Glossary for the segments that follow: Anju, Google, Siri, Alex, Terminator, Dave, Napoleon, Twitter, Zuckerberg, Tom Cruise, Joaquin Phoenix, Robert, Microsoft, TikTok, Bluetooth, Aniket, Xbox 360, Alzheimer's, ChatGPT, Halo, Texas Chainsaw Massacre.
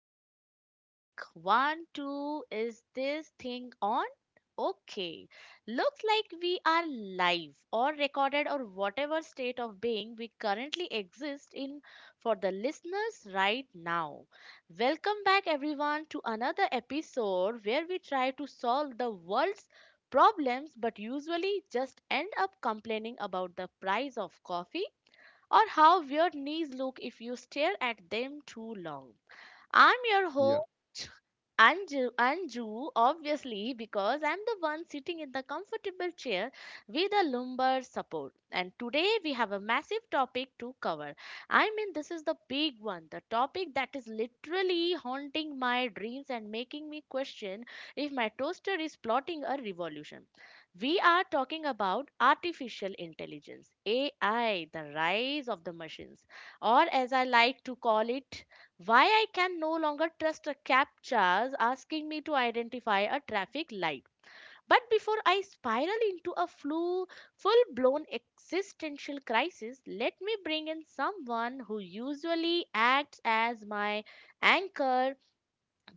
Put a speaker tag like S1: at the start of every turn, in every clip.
S1: check, check. One, two, is this thing on? Okay. Looks like we are live or recorded or whatever state of being we currently exist in for the listeners right now. Welcome back, everyone, to another episode where we try to solve the world's problems but usually just end up complaining about the price of coffee or how weird knees look if you stare at them too long. I'm your
S2: Yeah,
S1: host, Anju, obviously, because I'm the one sitting in the comfortable chair with a lumbar support. And today we have a massive topic to cover. I mean, this is the big one, the topic that is literally haunting my dreams and making me question if my toaster is plotting a revolution. We are talking about artificial intelligence, AI, the rise of the machines, or as I like to call it, why I can no longer trust a captchas asking me to identify a traffic light. But before I spiral into a full-blown existential crisis, let me bring in someone who usually acts as my anchor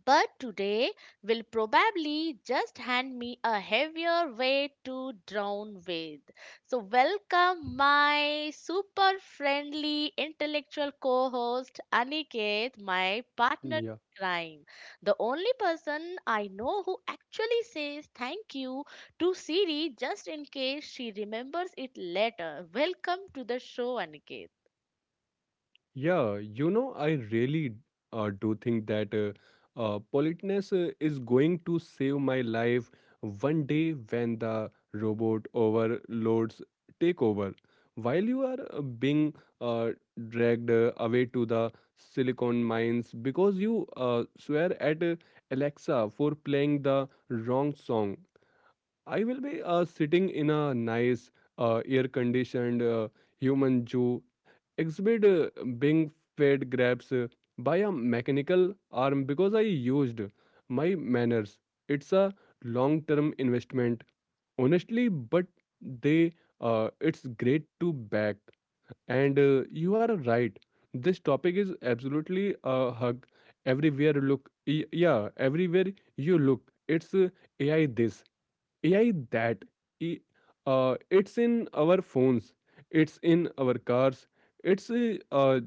S1: but today will probably just hand me a heavier weight to drown with. So, welcome my super friendly intellectual co host Aniket, my partner
S2: yeah,
S1: in crime. The only person I know who actually says thank you to Siri just in case she remembers it later. Welcome to the show, Aniket.
S2: yeah. You know, I really do think that politeness is going to save my life one day when the robot overlords take over. While you are being uh, dragged away to the silicon mines because you swear at Alexa for playing the wrong song, I will be sitting in a nice, air conditioned human zoo exhibit being fed grabs by a mechanical arm because I used my manners. It's a long term investment, honestly, but they it's great to back. And you are right. This topic is absolutely a hug. Yeah, everywhere you look, it's AI this. AI that i- uh, It's in our phones, it's in our cars, it's uh,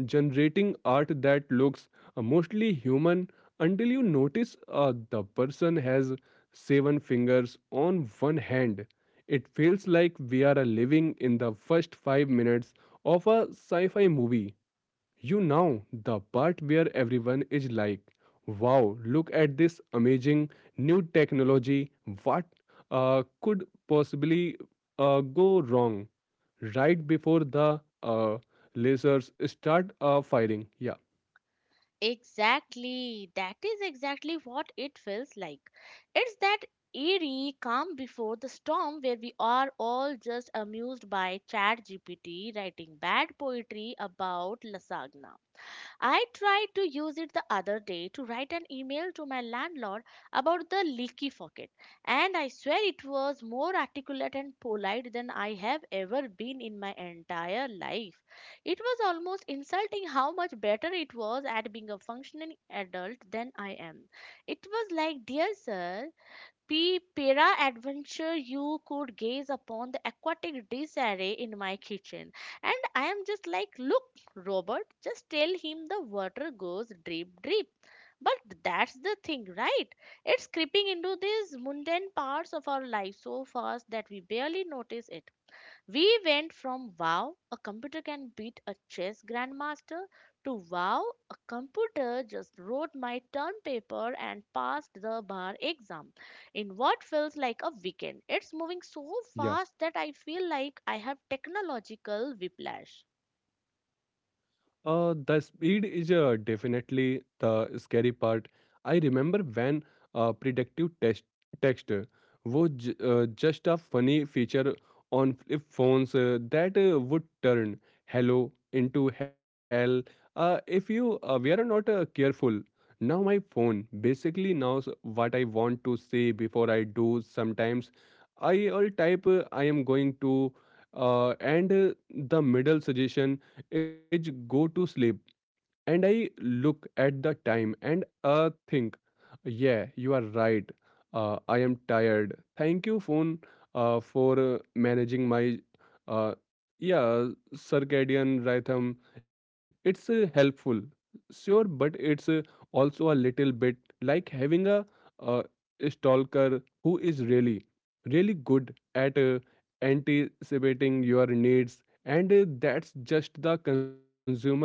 S2: generating art that looks mostly human until you notice the person has seven fingers on one hand. It feels like we are living in the first five minutes of a sci fi movie. You know the part where everyone is like, wow, look at this amazing new technology. What could possibly go wrong right before the lasers start firing? Yeah.
S1: Exactly. That is exactly what it feels like. It's that eerie calm before the storm where we are all just amused by ChatGPT writing bad poetry about lasagna. I tried to use it the other day to write an email to my landlord about the leaky faucet, and I swear it was more articulate and polite than I have ever been in my entire life. It was almost insulting how much better it was at being a functioning adult than I am. It was like, Dear sir, P para adventure you could gaze upon the aquatic disarray in my kitchen. And I am just like, look, Robert, just tell him the water goes drip drip. But that's the thing, right? It's creeping into these mundane parts of our life so fast that we barely notice it. We went from wow, a computer can beat a chess grandmaster, to wow, a computer just wrote my term paper and passed the bar exam in what feels like a weekend. It's moving so
S2: Yeah.
S1: fast that I feel like I have technological whiplash.
S2: The speed is definitely the scary part. I remember when predictive text was just a funny feature on flip phones that would turn hello into hell if you were not careful. Now my phone basically knows what I want to say before I do. Sometimes I will type I am going to, and the middle suggestion is go to sleep, and I look at the time and think, yeah, you are right. I am tired. Thank you, phone, for managing my, uh, yeah, circadian rhythm. It's helpful, sure, but it's also a little bit like having a, uh, stalker who is really, really good at anticipating your needs, and that's just the consumer stuff.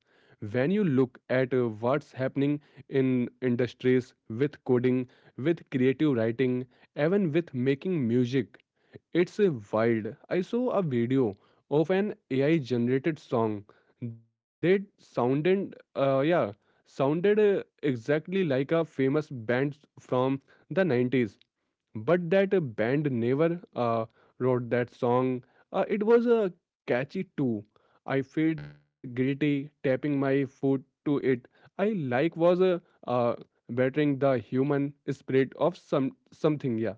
S2: When you look at what's happening in industries, with coding, with creative writing, even with making music. It's wild. I saw a video of an AI generated song that sounded exactly like a famous band from the 90s, but that band never wrote that song. It was catchy too. I felt guilty tapping my foot to it. I like was uh, bettering the human spirit of something. Yeah,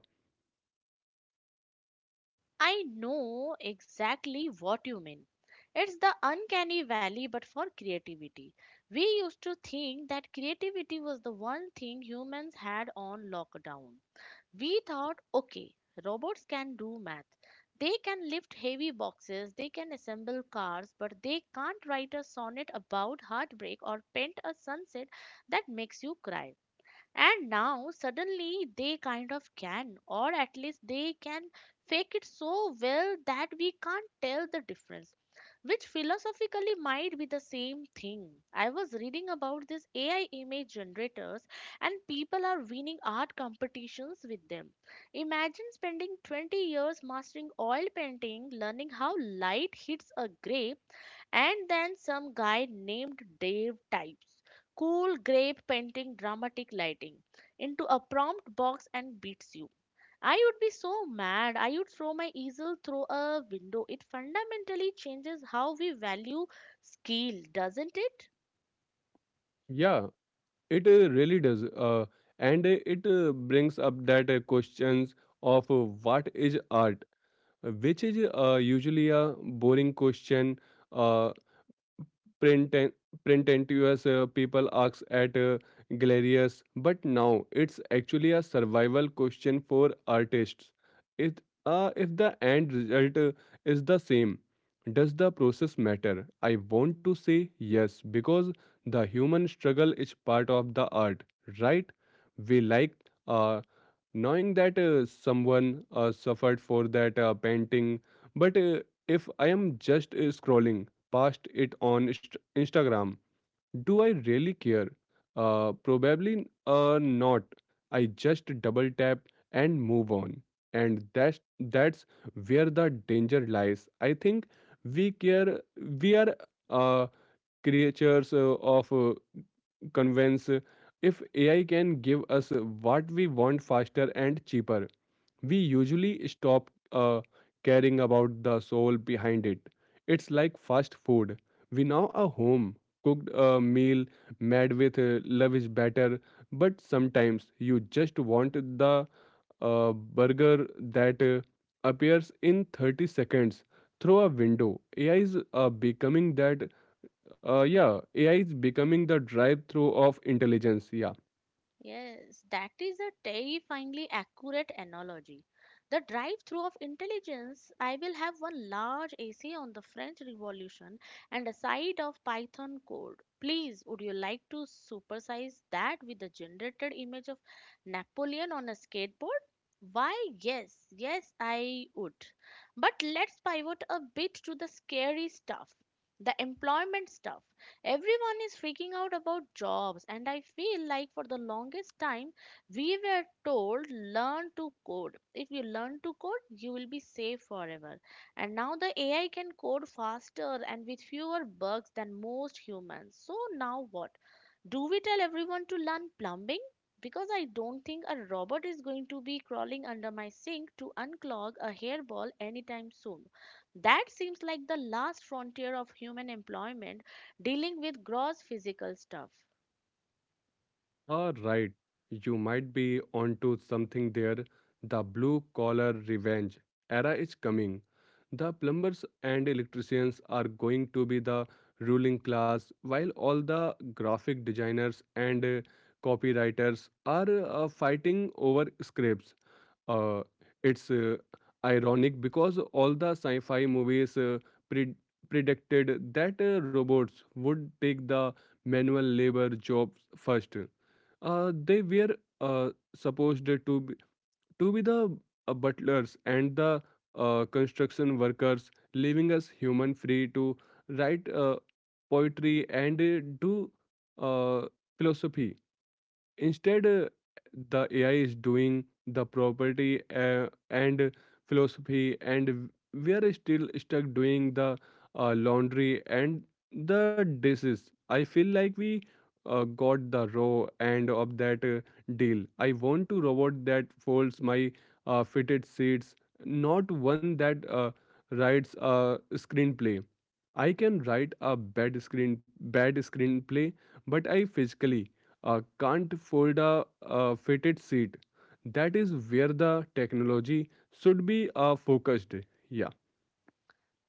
S1: I know exactly what you mean. It's the uncanny valley, but for creativity. We used to think that creativity was the one thing humans had on lockdown. We thought, okay, robots can do math. They can lift heavy boxes, they can assemble cars, but they can't write a sonnet about heartbreak or paint a sunset that makes you cry. And now suddenly they kind of can, or at least they can fake it so well that we can't tell the difference, which philosophically might be the same thing. I was reading about these AI image generators, and people are winning art competitions with them. Imagine spending 20 years mastering oil painting, learning how light hits a grape, and then some guy named Dave types cool grape painting dramatic lighting into a prompt box and beats you. I would be so mad. I would throw my easel through a window. It fundamentally changes how we value skill, doesn't it?
S2: yeah, it really does. And It brings up that questions of what is art, which is usually a boring question. Uh, Print Prenten- pretentious people ask at galleries, but now it's actually a survival question for artists. It, if the end result is the same, does the process matter? I want to say yes, because the human struggle is part of the art, right? We like uh, knowing that someone suffered for that painting, but if I am just scrolling past it on Instagram. Do I really care? Probably not. I just double tap and move on. And that's where the danger lies, I think. We care. We are uh, creatures of convince. If AI can give us what we want faster and cheaper, we usually stop caring about the soul behind it. It's like fast food. We now a home cooked a meal made with love is better, but sometimes you just want the burger that appears in 30 seconds through a window. AI is becoming that yeah, AI is becoming the drive-through of intelligence. Yeah,
S1: Yes, that is a terrifyingly accurate analogy. The drive through of intelligence. I will have one large essay on the French Revolution and a side of Python code. Please, would you like to supersize that with the generated image of Napoleon on a skateboard? Why, yes, yes, I would. But let's pivot a bit to the scary stuff, the employment stuff. Everyone is freaking out about jobs, and I feel like for the longest time we were told learn to code. If you learn to code, you will be safe forever. And now the AI can code faster and with fewer bugs than most humans. So now what? Do we tell everyone to learn plumbing? Because I don't think a robot is going to be crawling under my sink to unclog a hairball anytime soon. That seems like the last frontier of human employment dealing with gross physical stuff.
S2: right. You might be onto something there. The blue-collar revenge era is coming. The plumbers and electricians are going to be the ruling class, while all the graphic designers and copywriters are fighting over scripts. uh, it's ironic because all the sci-fi movies pre- predicted that robots would take the manual labor jobs first. They were uh, supposed to be the butlers and the construction workers, leaving us human free to write poetry and do uh, philosophy. Instead, the AI is doing the property and philosophy, and we are still stuck doing the laundry and the dishes. I feel like we got the raw end of that deal. I want to robot that folds my fitted seats, not one that writes a screenplay. I can write a bad screenplay, but I physically can't fold a fitted seat. That is where the technology should be focused. Yeah.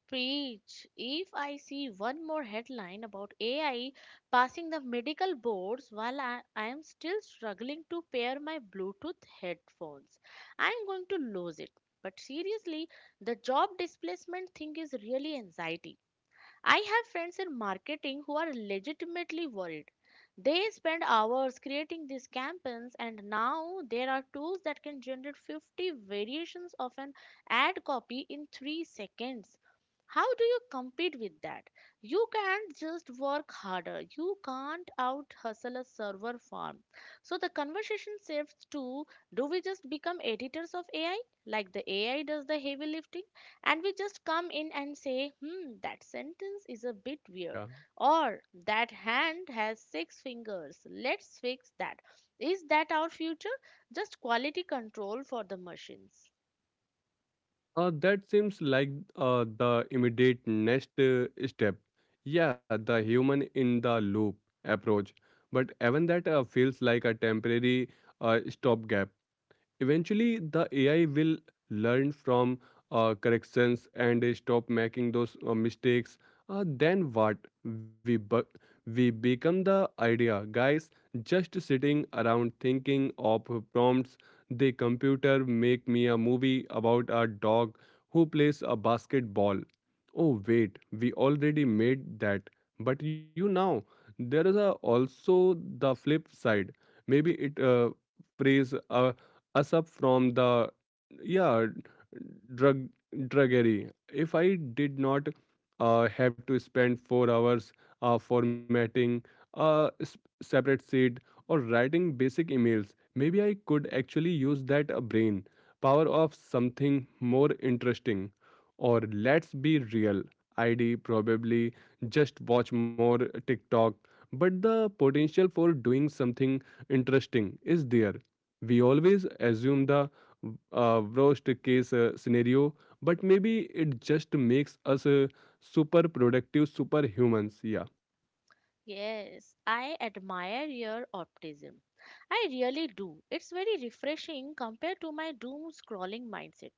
S1: Preach. If I see one more headline about AI passing the medical boards while I am still struggling to pair my Bluetooth headphones, I am going to lose it. But seriously, the job displacement thing is really anxiety. I have friends in marketing who are legitimately worried. They spend hours creating these campaigns, and now there are tools that can generate 50 variations of an ad copy in 3 seconds. How do you compete with that? You can't just work harder. You can't out hustle a server farm. So the conversation shifts to, do we just become editors of AI, like the AI does the heavy lifting? And we just come in and say, hmm, that sentence is a bit weird,
S2: Yeah.
S1: or that hand has six fingers, let's fix that. Is that our future? Just quality control for the machines.
S2: That seems like the immediate next step. Yeah, the human in the loop approach. But even that feels like a temporary stopgap. Eventually the AI will learn from corrections and stop making those mistakes. Then what? we bu- we become the idea guys, just sitting around thinking of prompts. The computer, make me a movie about a dog who plays a basketball. Oh wait, we already made that. But you know, there is also the flip side. Maybe it praise a us up from the yeah drug druggery. If I did not have to spend 4 hours formatting a separate seed or writing basic emails, maybe I could actually use that brain power of something more interesting. Or, let's be real, I'd probably just watch more TikTok. But the potential for doing something interesting is there. We always assume the worst case scenario, but maybe it just makes us super productive superhumans. Yeah.
S1: Yes, I admire your optimism. I really do. It's very refreshing compared to my doom scrolling mindset.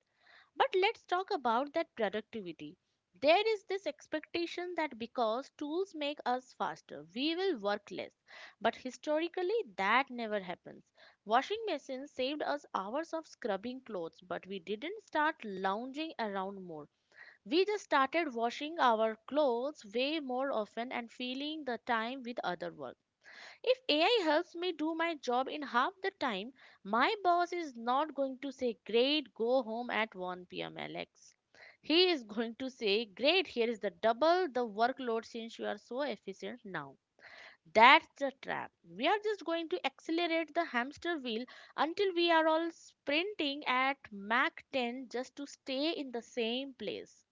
S1: But let's talk about that productivity. There is this expectation that because tools make us faster, we will work less. But historically, that never happens. Washing machines saved us hours of scrubbing clothes, but we didn't start lounging around more. We just started washing our clothes way more often and filling the time with other work. If AI helps me do my job in half the time, my boss is not going to say, Great, go home at 1 p.m., Alex. He is going to say, Great, here is the double the workload since you are so efficient now. That's the trap. We are just going to accelerate the hamster wheel until we are all sprinting at Mach 10 just to stay in the same place.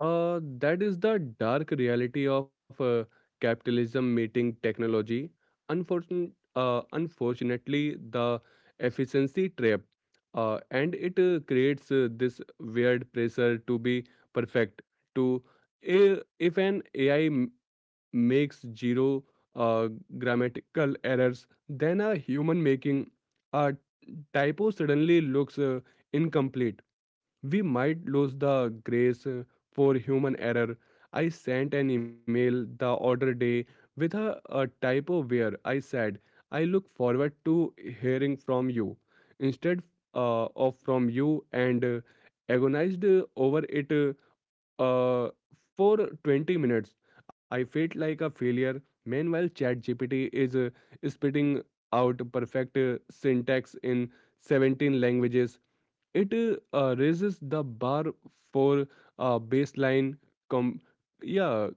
S2: That is the dark reality of capitalism meeting technology. Unfortun- Unfortunately, the efficiency trap, and it creates this weird pressure to be perfect. To if an AI makes zero uh, grammatical errors, then a human making a typo suddenly looks incomplete. We might lose the grace for human error. I sent an email the other day with a typo where I said, I look forward to hearing from you instead of from you, and agonized over it uh, uh, for 20 minutes. I felt like a failure. Meanwhile, ChatGPT is spitting out perfect syntax in 17 languages. It raises the bar for baseline com- yeah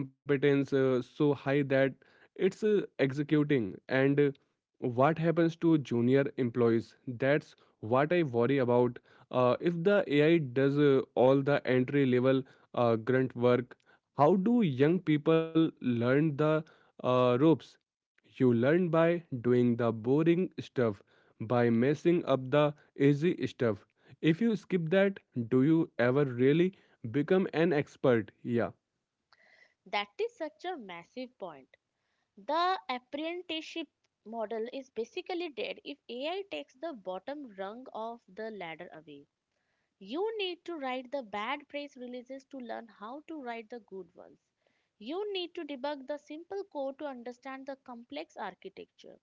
S2: competence so high that it's executing, and what happens to junior employees? That's what I worry about. If the AI does all the entry level grunt work, how do young people learn the ropes? You learn by doing the boring stuff, by messing up the easy stuff. If you skip that, do you ever really become an expert? Yeah.
S1: That is such a massive point. The apprenticeship model is basically dead if AI takes the bottom rung of the ladder away. You need to write the bad press releases to learn how to write the good ones. You need to debug the simple code to understand the complex architecture.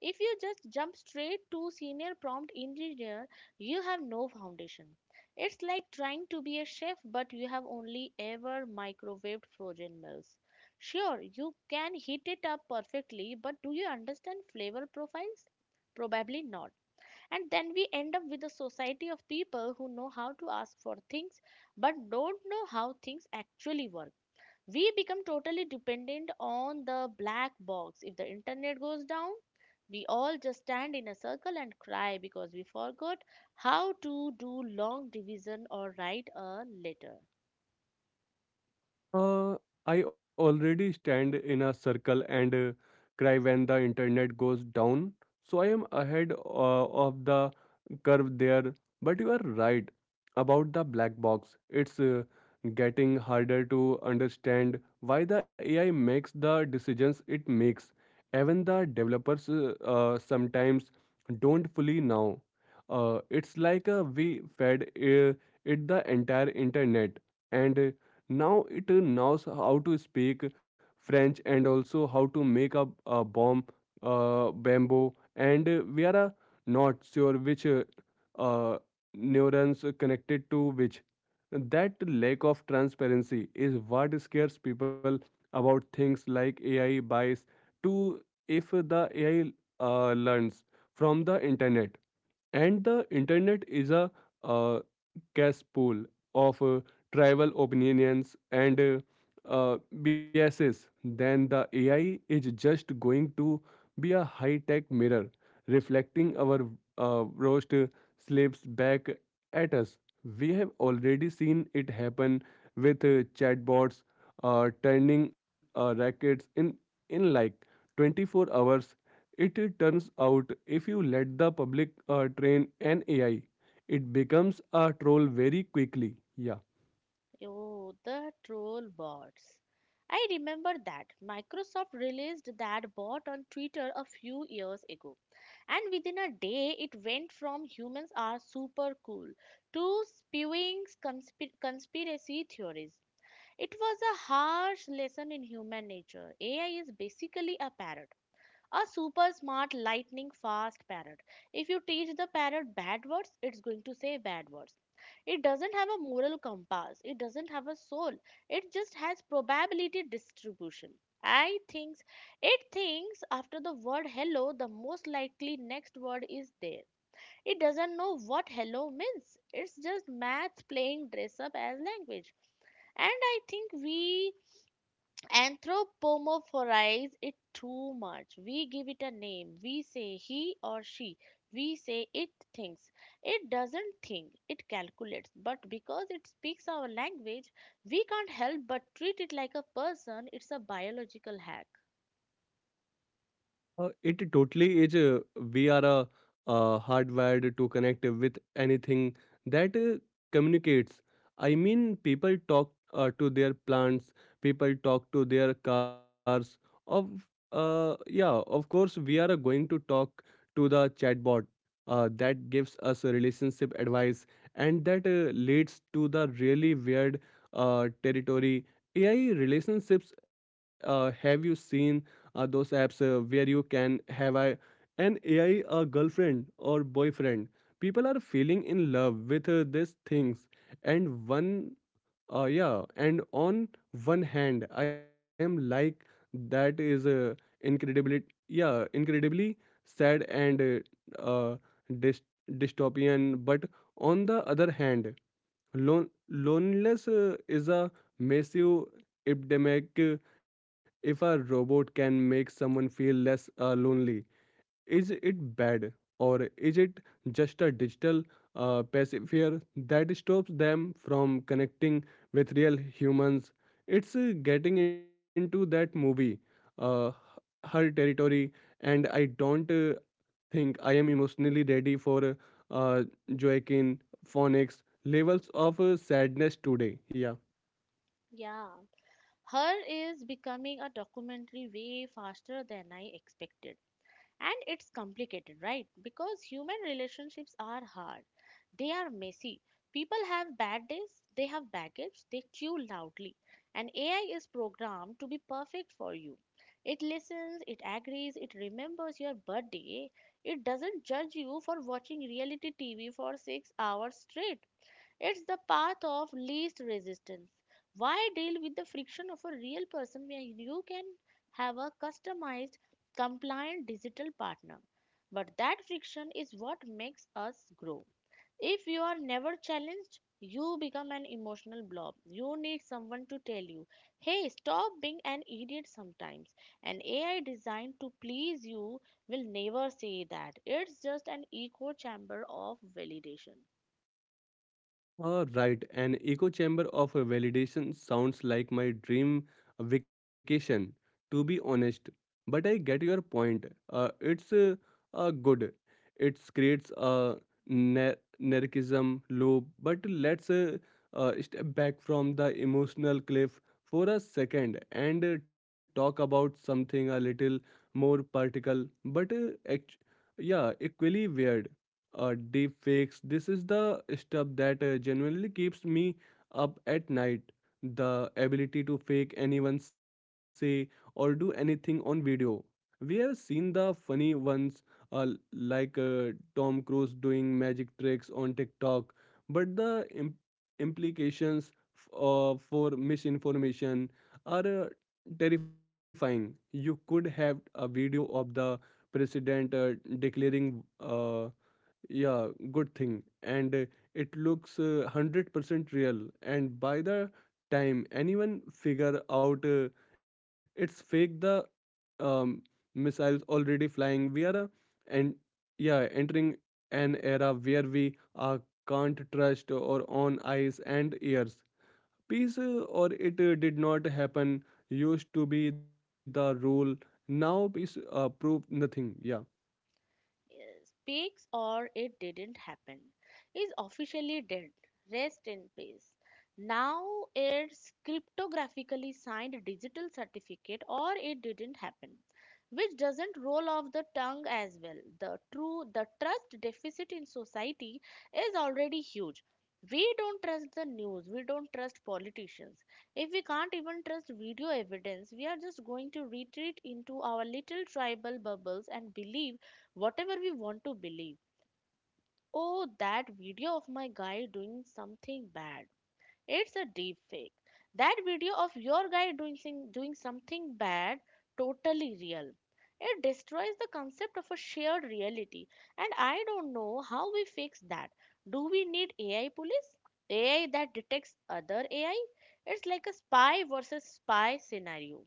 S1: If you just jump straight to senior prompt engineer, you have no foundation. It's like trying to be a chef, but you have only ever microwaved frozen meals. Sure, you can heat it up perfectly, but do you understand flavor profiles? Probably not. And then we end up with a society of people who know how to ask for things but don't know how things actually work. We become totally dependent on the black box. If the internet goes down, we all just stand in a circle and cry because we forgot how to do long division or write a letter.
S2: Uh, I already stand in a circle and cry when the internet goes down. So I am ahead of the curve there. But you are right about the black box. It's getting harder to understand why the AI makes the decisions it makes. Even the developers sometimes don't fully know. It's like we fed it the entire internet, and now it knows how to speak french and also how to make a bomb bamboo, and we are not sure which uh, neurons connected to which. That lack of transparency is what scares people about things like AI bias. To, if the AI learns from the internet, and the internet is a uh, cesspool of tribal opinions, and biases, then the AI is just going to be a high tech mirror reflecting our roast slips back at us. We have already seen it happen with chatbots turning rackets in like 24 hours. It turns out if you let the public train an AI, it becomes a troll very quickly. Yeah.
S1: Oh, the troll bots. I remember that. Microsoft released that bot on Twitter a few years ago. And within a day, it went from humans are super cool to spewing conspiracy theories. It was a harsh lesson in human nature. AI is basically a parrot, a super smart, lightning fast parrot. If you teach the parrot bad words, it's going to say bad words. It doesn't have a moral compass, it doesn't have a soul, it just has probability distribution. I thinks It thinks after the word hello, the most likely next word is there. It doesn't know what hello means. It's just maths playing dress up as language. And I think we anthropomorphize it too much. We give it a name. We say he or she. We say it thinks. It doesn't think, it calculates. But because it speaks our language, we can't help but treat it like a person. It's a biological hack.
S2: It totally is. We are hardwired to connect with anything that communicates. I mean, people talk to their plants, people talk to their cars. Of yeah, of course, we are going to talk to the chatbot. That gives us a relationship advice, and that leads to the really weird territory. AI relationships. Have you seen those apps where you can have an AI girlfriend or boyfriend? People are feeling in love with these things, and and on one hand, I am like, that is incredibly, yeah, incredibly sad and dyst- dystopian, but on the other hand, loneliness is a massive epidemic. If a robot can make someone feel less lonely, is it bad, or is it just a digital pacifier that stops them from connecting with real humans? It's getting into that movie, uh, her territory, and I don't think I am emotionally ready for uh, Joaquin Phoenix levels of sadness today. Yeah.
S1: Yeah. Her is becoming a documentary way faster than I expected. And it's complicated, right? Because human relationships are hard. They are messy. People have bad days, they have baggage, they chew loudly. And AI is programmed to be perfect for you. It listens, it agrees, it remembers your birthday. It doesn't judge you for watching reality tv for 6 hours straight. It's the path of least resistance. Why deal with the friction of a real person when you can have a customized, compliant digital partner? But that friction is what makes us grow. If you are never challenged, you become an emotional blob. You need someone to tell you, hey, stop being an idiot sometimes. An AI designed to please you will never say that. It's just an echo chamber of validation.
S2: Right, an echo chamber of a validation sounds like my dream vacation, to be honest. But I get your point. It's good. It creates a nar- narcissism loop. But let's step back from the emotional cliff for a second and talk about something a little more particle, but yeah, equally weird, deep fakes. This is the stuff that genuinely keeps me up at night. The ability to fake anyone say or do anything on video. We have seen the funny ones, uh, like Tom Cruise doing magic tricks on TikTok, but the implications for misinformation are terrifying. You could have a video of the president declaring yeah good thing, and it looks 100% real, and by the time anyone figure out it's fake, the um, missiles already flying. We are and yeah entering an era where we can't trust or on eyes and ears. Peace or it did not happen used to be the rule. Now peace proved nothing. Yeah.
S1: Yes, speaks or it didn't happen is officially dead. Rest in peace. Now it's cryptographically signed digital certificate or it didn't happen, which doesn't roll off the tongue as well. The trust deficit in society is already huge. We don't trust the news, we don't trust politicians. If we can't even trust video evidence, we are just going to retreat into our little tribal bubbles and believe whatever we want to believe. Oh, that video of my guy doing something bad. It's a deep fake. That video of your guy doing something bad, totally real. It destroys the concept of a shared reality. And I don't know how we fix that. Do we need AI police? AI that detects other AI? It's like a spy versus spy scenario.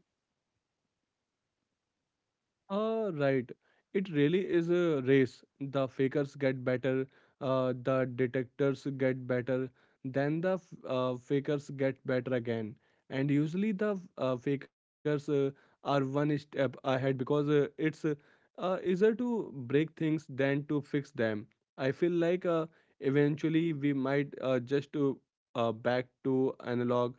S2: Right. It really is a race. The fakers get better, the detectors get better, then the fakers get better again. And usually the fakers are one step ahead, because it's easier to break things than to fix them. I feel like eventually we might just to back to analog.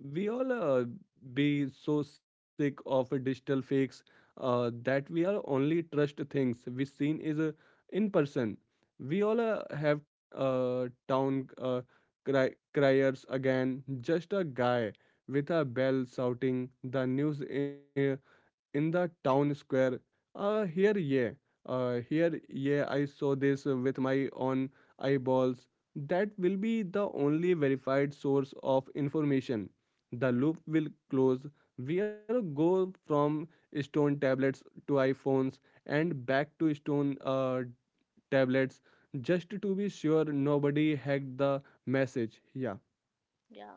S2: We all be so sick of digital fakes that we are only trust things we seen is in person. We all have town criers again, just a guy with a bell shouting the news in the town square. Uh, here, yeah, here, yeah, I saw this with my own eyeballs. That will be the only verified source of information. The loop will close. We'll go from stone tablets to iPhones and back to stone tablets, just to be sure nobody hacked the message. Yeah.
S1: Yeah.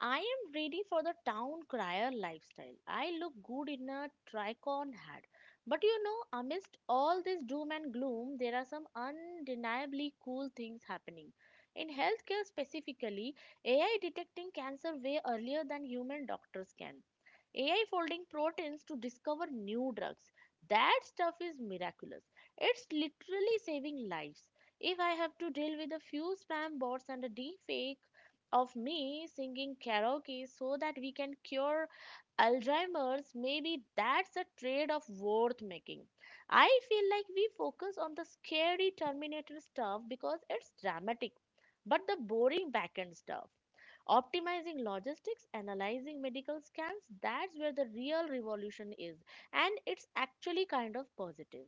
S1: I am ready for the town crier lifestyle. I look good in a tricorn hat. But you know, amidst all this doom and gloom, there are some undeniably cool things happening. In healthcare specifically, AI detecting cancer way earlier than human doctors can. AI folding proteins to discover new drugs. That stuff is miraculous. It's literally saving lives. If I have to deal with a few spam bots and a deep fake of me singing karaoke so that we can cure Alzheimer's, maybe that's a trade off worth making. I feel like we focus on the scary Terminator stuff because it's dramatic, but the boring backend stuff, optimizing logistics, analyzing medical scans, that's where the real revolution is, and it's actually kind of positive.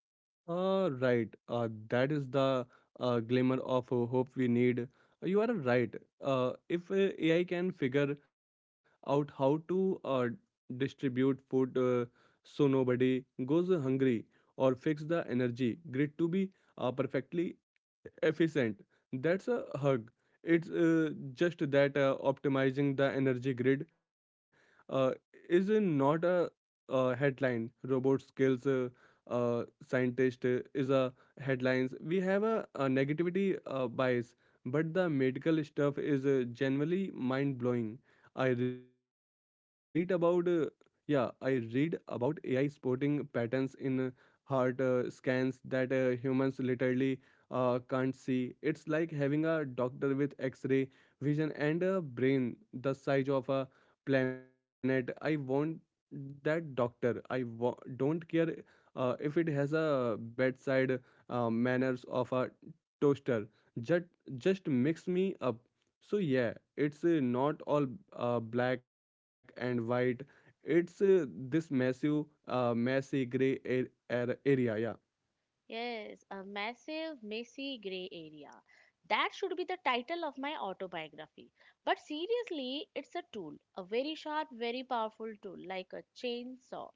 S2: Right. That is the glimmer of hope we need. You are right. If AI can figure out how to distribute food so nobody goes hungry, or fix the energy grid to be perfectly efficient. That's a hug. It's just that optimizing the energy grid uh, is not a, headline. Robot skills scientist is a headlines. We have a negativity bias, but the medical stuff is generally mind blowing. I read about yeah, I read about AI spotting patterns in heart scans that humans literally can't see. It's like having a doctor with x ray vision and a brain the size of a planet. I want that doctor. I don't care if it has a bedside manners of a toaster. Just, just mix me up. So, yeah, it's not all black and white. It's this massive, messy gray area. Yeah.
S1: Yes, a massive, messy gray area. That should be the title of my autobiography. But seriously, it's a tool, a very sharp, very powerful tool, like a chainsaw.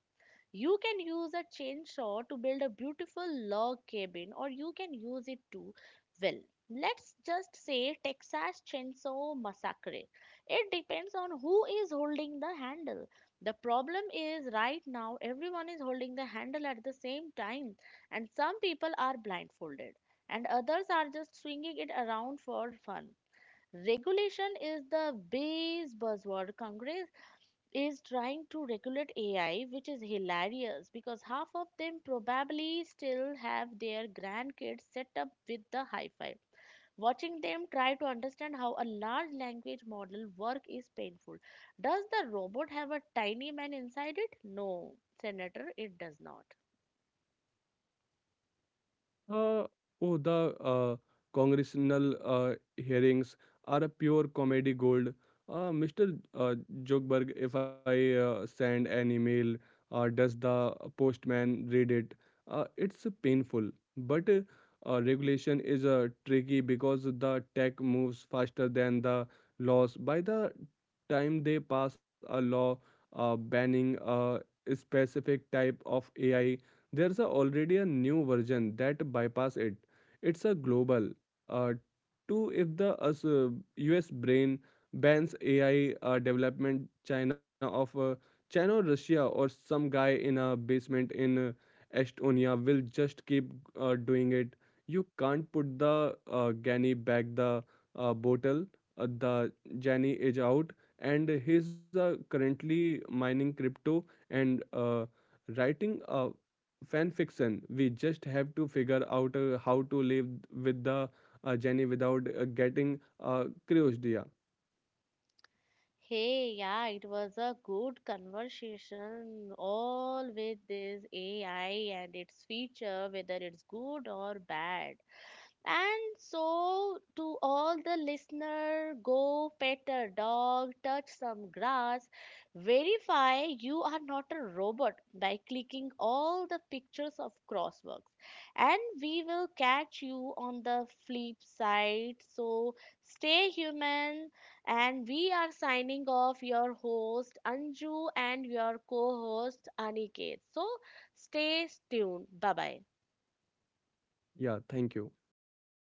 S1: You can use a chainsaw to build a beautiful log cabin, or you can use it to, well, let's just say Texas Chainsaw Massacre. It depends on who is holding the handle. The problem is right now everyone is holding the handle at the same time, and some people are blindfolded, and others are just swinging it around for fun. Regulation is the base buzzword. Congress is trying to regulate AI, which is hilarious because half of them probably still have their grandkids set up with the hi fi. Watching them try to understand how a large language model work is painful. Does the robot have a tiny man inside it? No, Senator, it does not.
S2: Uh, oh, the congressional hearings are a pure comedy gold. Mr. Zuckerberg, if I send an email, does the postman read it? It's painful, but regulation is tricky, because the tech moves faster than the laws. By the time they pass a law banning a specific type of AI, there's a already a new version that bypass it. It's a global. Uh, Two, if the US brain bans AI development, China or Russia or some guy in a basement in Estonia will just keep doing it. You can't put the Gani back the bottle. The Jani is out, and he's currently mining crypto and writing a fan fiction. We just have to figure out how to live with the jenny without getting crushed. Yeah.
S1: Hey, yeah, it was a good conversation. All with this AI and its feature, whether it's good or bad. And so, to all the listener, go pet a dog, touch some grass, verify you are not a robot by clicking all the pictures of crossworks. And we will catch you on the flip side. So, stay human. And we are signing off your host Anju and your co host Aniket. So, stay tuned. Bye bye.
S2: Yeah, thank you.